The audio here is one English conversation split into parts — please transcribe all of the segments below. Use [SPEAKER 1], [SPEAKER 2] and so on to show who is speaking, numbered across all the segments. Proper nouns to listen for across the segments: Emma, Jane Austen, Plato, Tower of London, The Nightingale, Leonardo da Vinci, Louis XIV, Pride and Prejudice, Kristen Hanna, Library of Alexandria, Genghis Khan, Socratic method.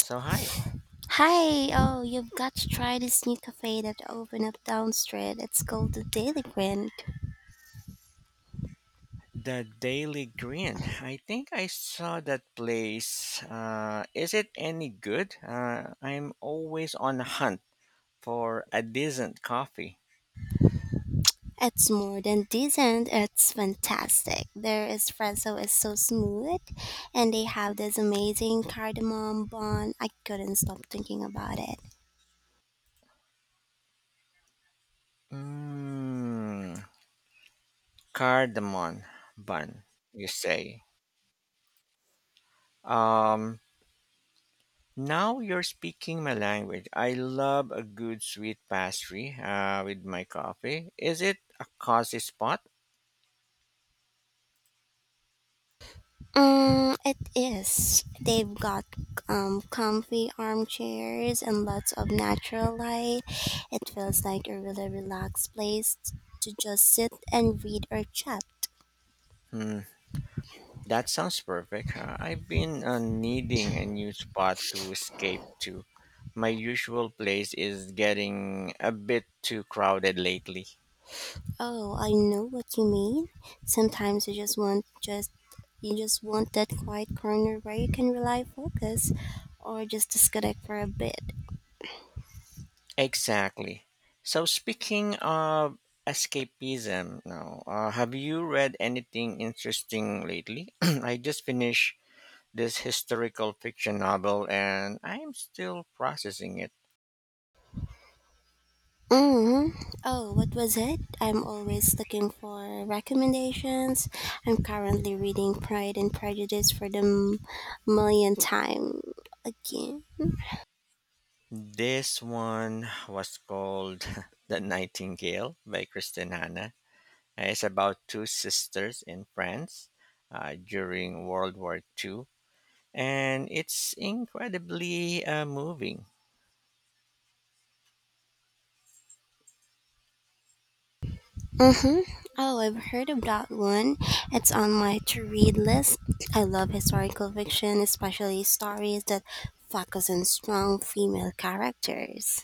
[SPEAKER 1] So hi,
[SPEAKER 2] Hi, oh, you've got to try this new cafe that opened up down street. It's called the Daily Grind.
[SPEAKER 1] the Daily Grind. I think I saw that place. Is it any good? I'm always on the hunt for a decent coffee.
[SPEAKER 2] It's more than decent, it's fantastic. Their espresso is so smooth, and they have this amazing cardamom bun. I couldn't stop thinking about it.
[SPEAKER 1] Mmm, cardamom bun. You say. Um, now you're speaking my language. I love a good sweet pastry with my coffee. Is it a cozy spot?
[SPEAKER 2] It is. They've got comfy armchairs and lots of natural light. It feels like a really relaxed place to just sit and read or chat.
[SPEAKER 1] Hmm. That sounds perfect. I've been needing a new spot to escape to. My usual place is getting a bit too crowded lately.
[SPEAKER 2] Oh, I know what you mean. Sometimes you just want that quiet corner where you can rely focus or just disconnect for a bit.
[SPEAKER 1] Exactly. So speaking of escapism, now have you read anything interesting lately? I just finished this historical fiction novel, and I'm still processing it.
[SPEAKER 2] Mm. Oh, what was it? I'm always looking for recommendations. I'm currently reading Pride and Prejudice for the millionth time again.
[SPEAKER 1] This one was called "The Nightingale" by Kristen Hanna. It's about two sisters in France during World War Two, and it's incredibly moving.
[SPEAKER 2] Mm-hmm. Oh, I've heard of that one. It's on my to read list. I love historical fiction, especially stories that focus on strong female characters.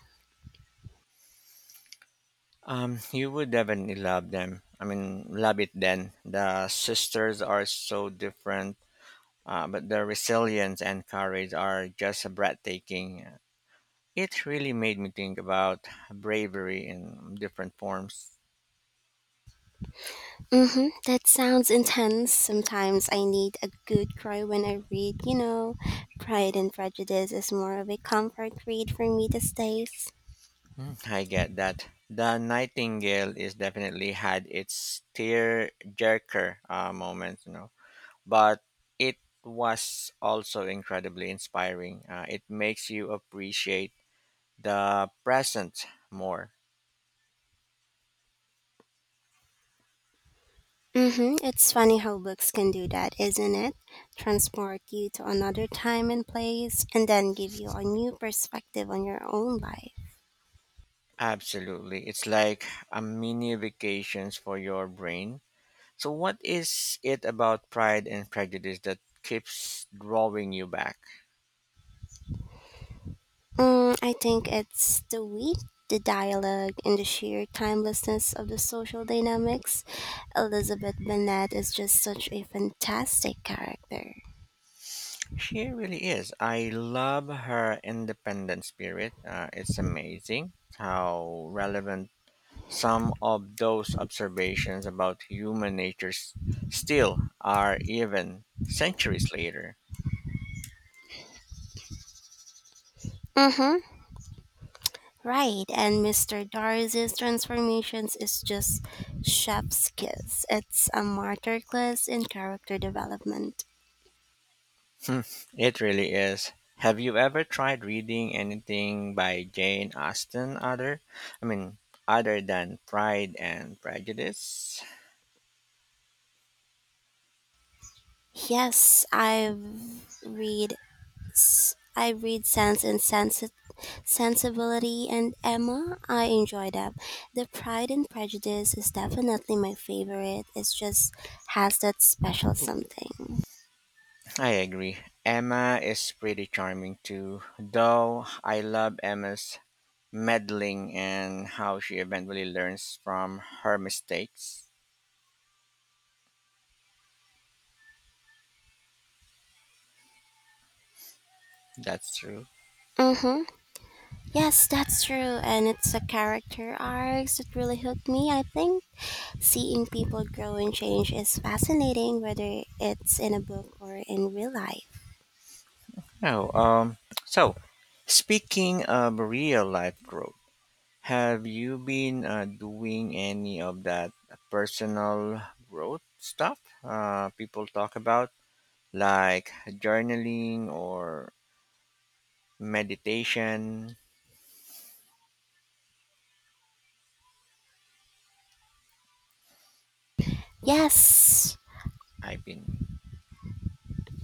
[SPEAKER 1] You would definitely love them. I mean, love it then. The sisters are so different, but their resilience and courage are just breathtaking. It really made me think about bravery in different forms.
[SPEAKER 2] Mm-hmm. That sounds intense. Sometimes I need a good cry when I read. Pride and Prejudice is more of a comfort read for me these days.
[SPEAKER 1] Mm, I get that. The Nightingale is definitely had its tear jerker moment, you know, but it was also incredibly inspiring. It makes you appreciate the present more.
[SPEAKER 2] Mm-hmm. It's funny how books can do that, isn't it? Transport you to another time and place, and then give you a new perspective on your own life.
[SPEAKER 1] Absolutely. It's like a mini vacations for your brain. So what is it about Pride and Prejudice that keeps drawing you back?
[SPEAKER 2] Mm, I think it's the wit, the dialogue, and the sheer timelessness of the social dynamics. Elizabeth Bennet is just such a fantastic character.
[SPEAKER 1] She really is. I love her independent spirit. It's amazing how relevant some of those observations about human nature still are, even centuries later.
[SPEAKER 2] Mm-hmm. Right, and Mr. Darcy's transformations is just chef's kiss. It's a martyr class in character development.
[SPEAKER 1] Hmm, it really is. Have you ever tried reading anything by Jane Austen? I mean, other than Pride and Prejudice.
[SPEAKER 2] Yes, read I read Sense and Sense Sensibility and Emma, I enjoy that. The Pride and Prejudice is definitely my favorite. It just has that special something.
[SPEAKER 1] I agree. Emma is pretty charming too, though I love Emma's meddling and how she eventually learns from her mistakes. That's true.
[SPEAKER 2] Mm-hmm. Yes, that's true. And it's the character arcs that really hooked me, I think. Seeing people grow and change is fascinating, whether it's in a book or in real life.
[SPEAKER 1] Oh, um, so speaking of real life growth, have you been doing any of that personal growth stuff people talk about, like journaling or meditation?
[SPEAKER 2] Yes,
[SPEAKER 1] I've been.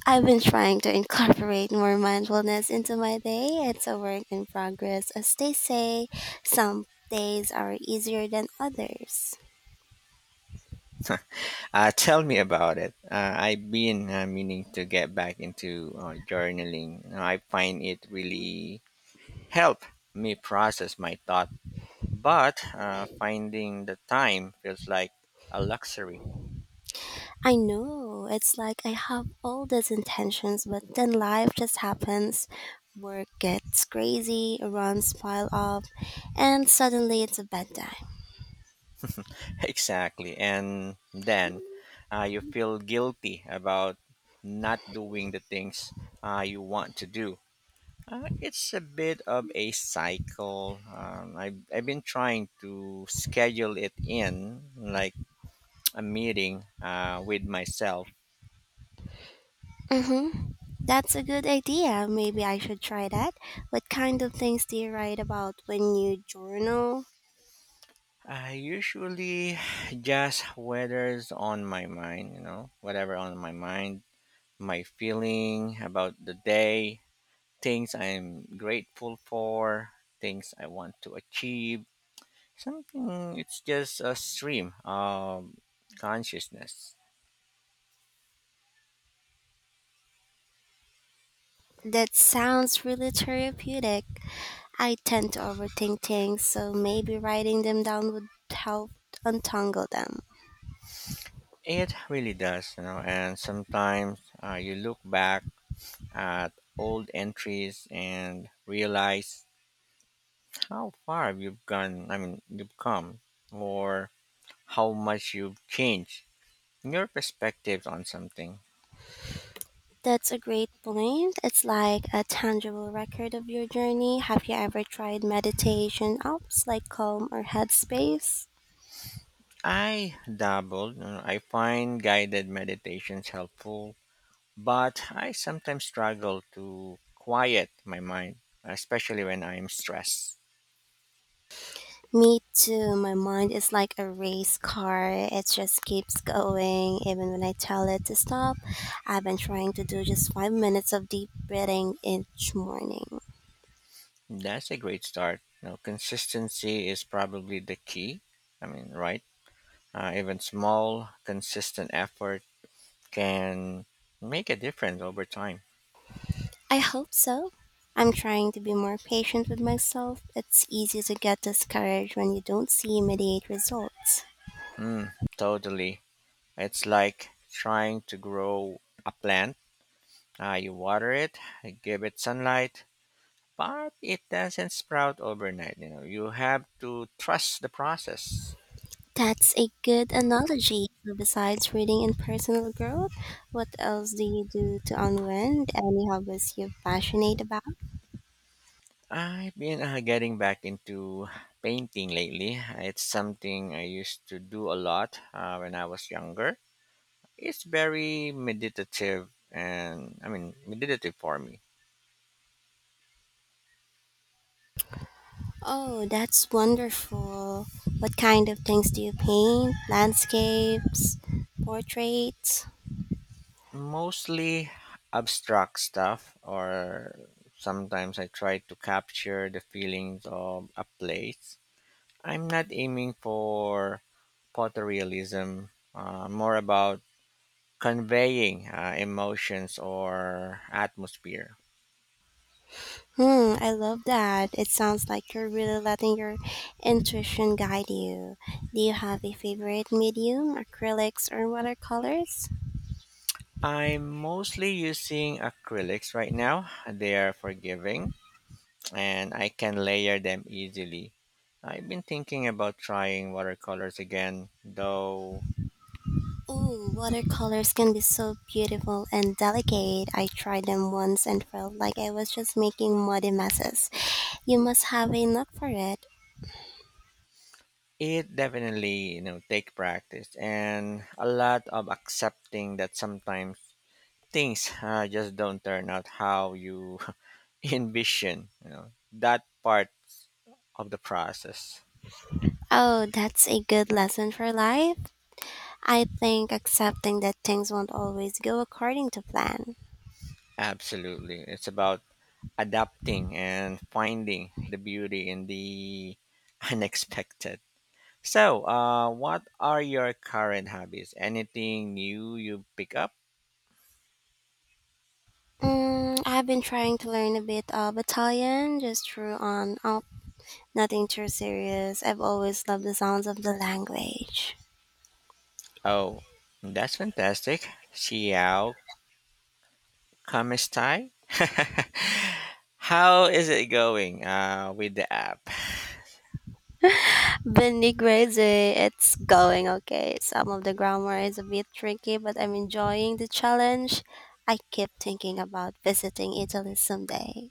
[SPEAKER 2] I've been trying to incorporate more mindfulness into my day. It's a work in progress, as they say. Some days are easier than others.
[SPEAKER 1] Tell me about it. I've been meaning to get back into journaling. I find it really help me process my thought, but finding the time feels like a luxury.
[SPEAKER 2] I know it's like I have all these intentions, but then life just happens. Work gets crazy, runs pile up, and suddenly it's a bad time.
[SPEAKER 1] Exactly, and then you feel guilty about not doing the things you want to do. It's a bit of a cycle. I've been trying to schedule it in, like a meeting with myself.
[SPEAKER 2] Mm-hmm. That's a good idea. Maybe I should try that. What kind of things do you write about when you journal?
[SPEAKER 1] I usually just weathers on my mind, you know, whatever on my mind, my feeling about the day, things I'm grateful for, things I want to achieve. Something it's just a stream of consciousness.
[SPEAKER 2] That sounds really therapeutic. I tend to overthink things, so maybe writing them down would help untangle them.
[SPEAKER 1] It really does, you know, and sometimes you look back at old entries and realize how far you've gone I mean you've come or how much you've changed in your perspective on something.
[SPEAKER 2] That's a great point. It's like a tangible record of your journey. Have you ever tried meditation apps like Calm or Headspace?
[SPEAKER 1] I dabbled, you know, I find guided meditations helpful but I sometimes struggle to quiet my mind, especially when I am stressed.
[SPEAKER 2] Me too. My mind is like a race car. It just keeps going even when I tell it to stop. I've been trying to do just 5 minutes of deep breathing each morning.
[SPEAKER 1] That's a great start, you know, consistency is probably the key I mean right. Even small consistent effort can make a difference over time.
[SPEAKER 2] I hope so. I'm trying to be more patient with myself. It's easy to get discouraged when you don't see immediate results.
[SPEAKER 1] Mm, totally. It's like trying to grow a plant. You water it, give it sunlight, but it doesn't sprout overnight. You know, you have to trust the process.
[SPEAKER 2] That's a good analogy. So besides reading and personal growth, what else do you do to unwind? Any hobbies you're passionate about?
[SPEAKER 1] I've been getting back into painting lately. It's something I used to do a lot when I was younger. It's very meditative, and I mean meditative for me.
[SPEAKER 2] Oh, that's wonderful. What kind of things do you paint? Landscapes, portraits?
[SPEAKER 1] Mostly abstract stuff, or sometimes I try to capture the feelings of a place. I'm not aiming for photorealism, more about conveying emotions or atmosphere.
[SPEAKER 2] Hmm, I love that. It sounds like you're really letting your intuition guide you. Do you have a favorite medium, acrylics or watercolors?
[SPEAKER 1] I'm mostly using acrylics right now. They are forgiving and I can layer them easily. I've been thinking about trying watercolors again, though.
[SPEAKER 2] Ooh, watercolors can be so beautiful and delicate. I tried them once and felt like I was just making muddy messes. You must have a knack for it.
[SPEAKER 1] It definitely, you know, take practice and a lot of accepting that sometimes things just don't turn out how you envision, you know, that part of the process.
[SPEAKER 2] Oh, that's a good lesson for life. I think accepting that things won't always go according to plan.
[SPEAKER 1] Absolutely. It's about adapting and finding the beauty in the unexpected. So, what are your current hobbies? Anything new you pick up?
[SPEAKER 2] Mm, I've been trying to learn a bit of Italian just through on up. Nothing too serious. I've always loved the sounds of the language.
[SPEAKER 1] Oh, that's fantastic. Xiao Kamestai? How is it going with the app?
[SPEAKER 2] Benny crazy. It's going okay. Some of the grammar is a bit tricky, but I'm enjoying the challenge. I keep thinking about visiting Italy someday.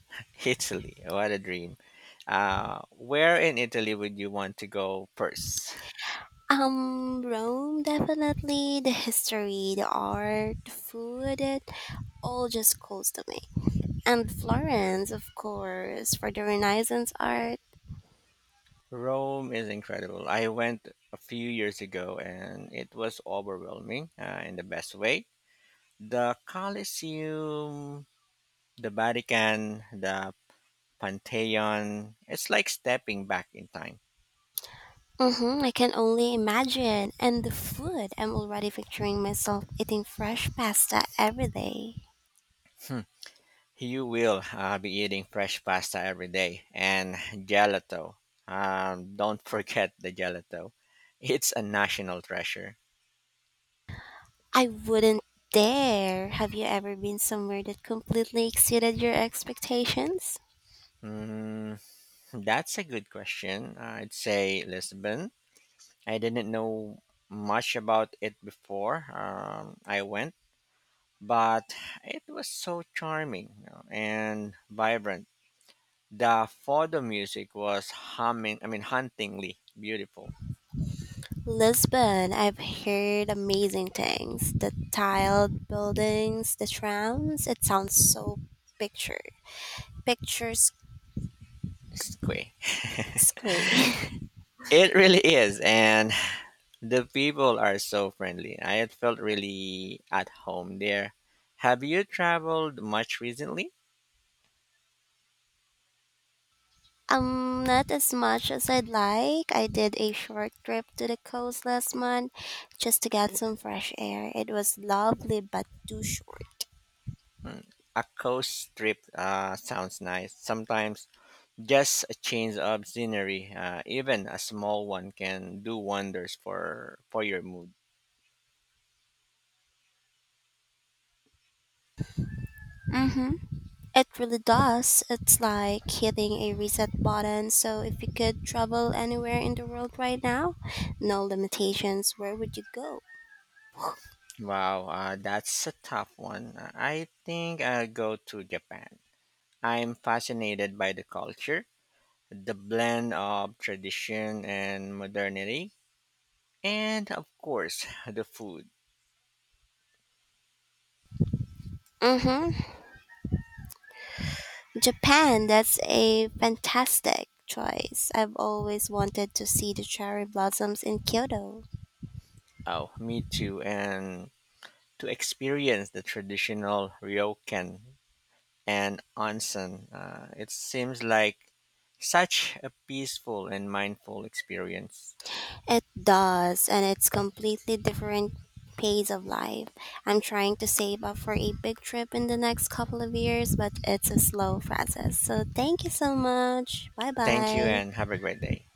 [SPEAKER 1] Italy, what a dream. Where in Italy would you want to go first?
[SPEAKER 2] Rome definitely. The history, the art, the food, it all just calls to me. And Florence, of course, for the Renaissance art.
[SPEAKER 1] Rome is incredible. I went a few years ago and it was overwhelming in the best way. The Colosseum, the Vatican, the Pantheon, it's like stepping back in time.
[SPEAKER 2] Mm-hmm, I can only imagine. And the food, I'm already picturing myself eating fresh pasta every day.
[SPEAKER 1] Hmm. You will be eating fresh pasta every day and gelato. Don't forget the gelato. It's a national treasure.
[SPEAKER 2] I wouldn't dare. Have you ever been somewhere that completely exceeded your expectations?
[SPEAKER 1] Mm, that's a good question. I'd say Lisbon. I didn't know much about it before I went, but it was so charming, you know, and vibrant. The photo music was humming, I mean, hauntingly beautiful.
[SPEAKER 2] Lisbon, I've heard amazing things. The tiled buildings, the trams, it sounds so picture picturesque.
[SPEAKER 1] Squee. It really is, and the people are so friendly. I had felt really at home there. Have you traveled much recently?
[SPEAKER 2] Not as much as I'd like. I did a short trip to the coast last month just to get some fresh air. It was lovely, but too short.
[SPEAKER 1] Hmm, a coast trip sounds nice. Sometimes just a change of scenery, even a small one, can do wonders for your mood.
[SPEAKER 2] Mm-hmm. It really does. It's like hitting a reset button. So, if you could travel anywhere in the world right now, no limitations, where would you go?
[SPEAKER 1] Wow, that's a tough one. I think I'll go to Japan. I'm fascinated by the culture, the blend of tradition and modernity. And of course, the food.
[SPEAKER 2] Mm-hmm. Japan, that's a fantastic choice. I've always wanted to see the cherry blossoms in Kyoto.
[SPEAKER 1] Oh, me too. And to experience the traditional ryokan and onsen, it seems like such a peaceful and mindful experience.
[SPEAKER 2] It does, and it's completely different pace of life. I'm trying to save up for a big trip in the next couple of years, but it's a slow process. So thank you so much. Bye
[SPEAKER 1] Thank you
[SPEAKER 2] bye.
[SPEAKER 1] and have a great day.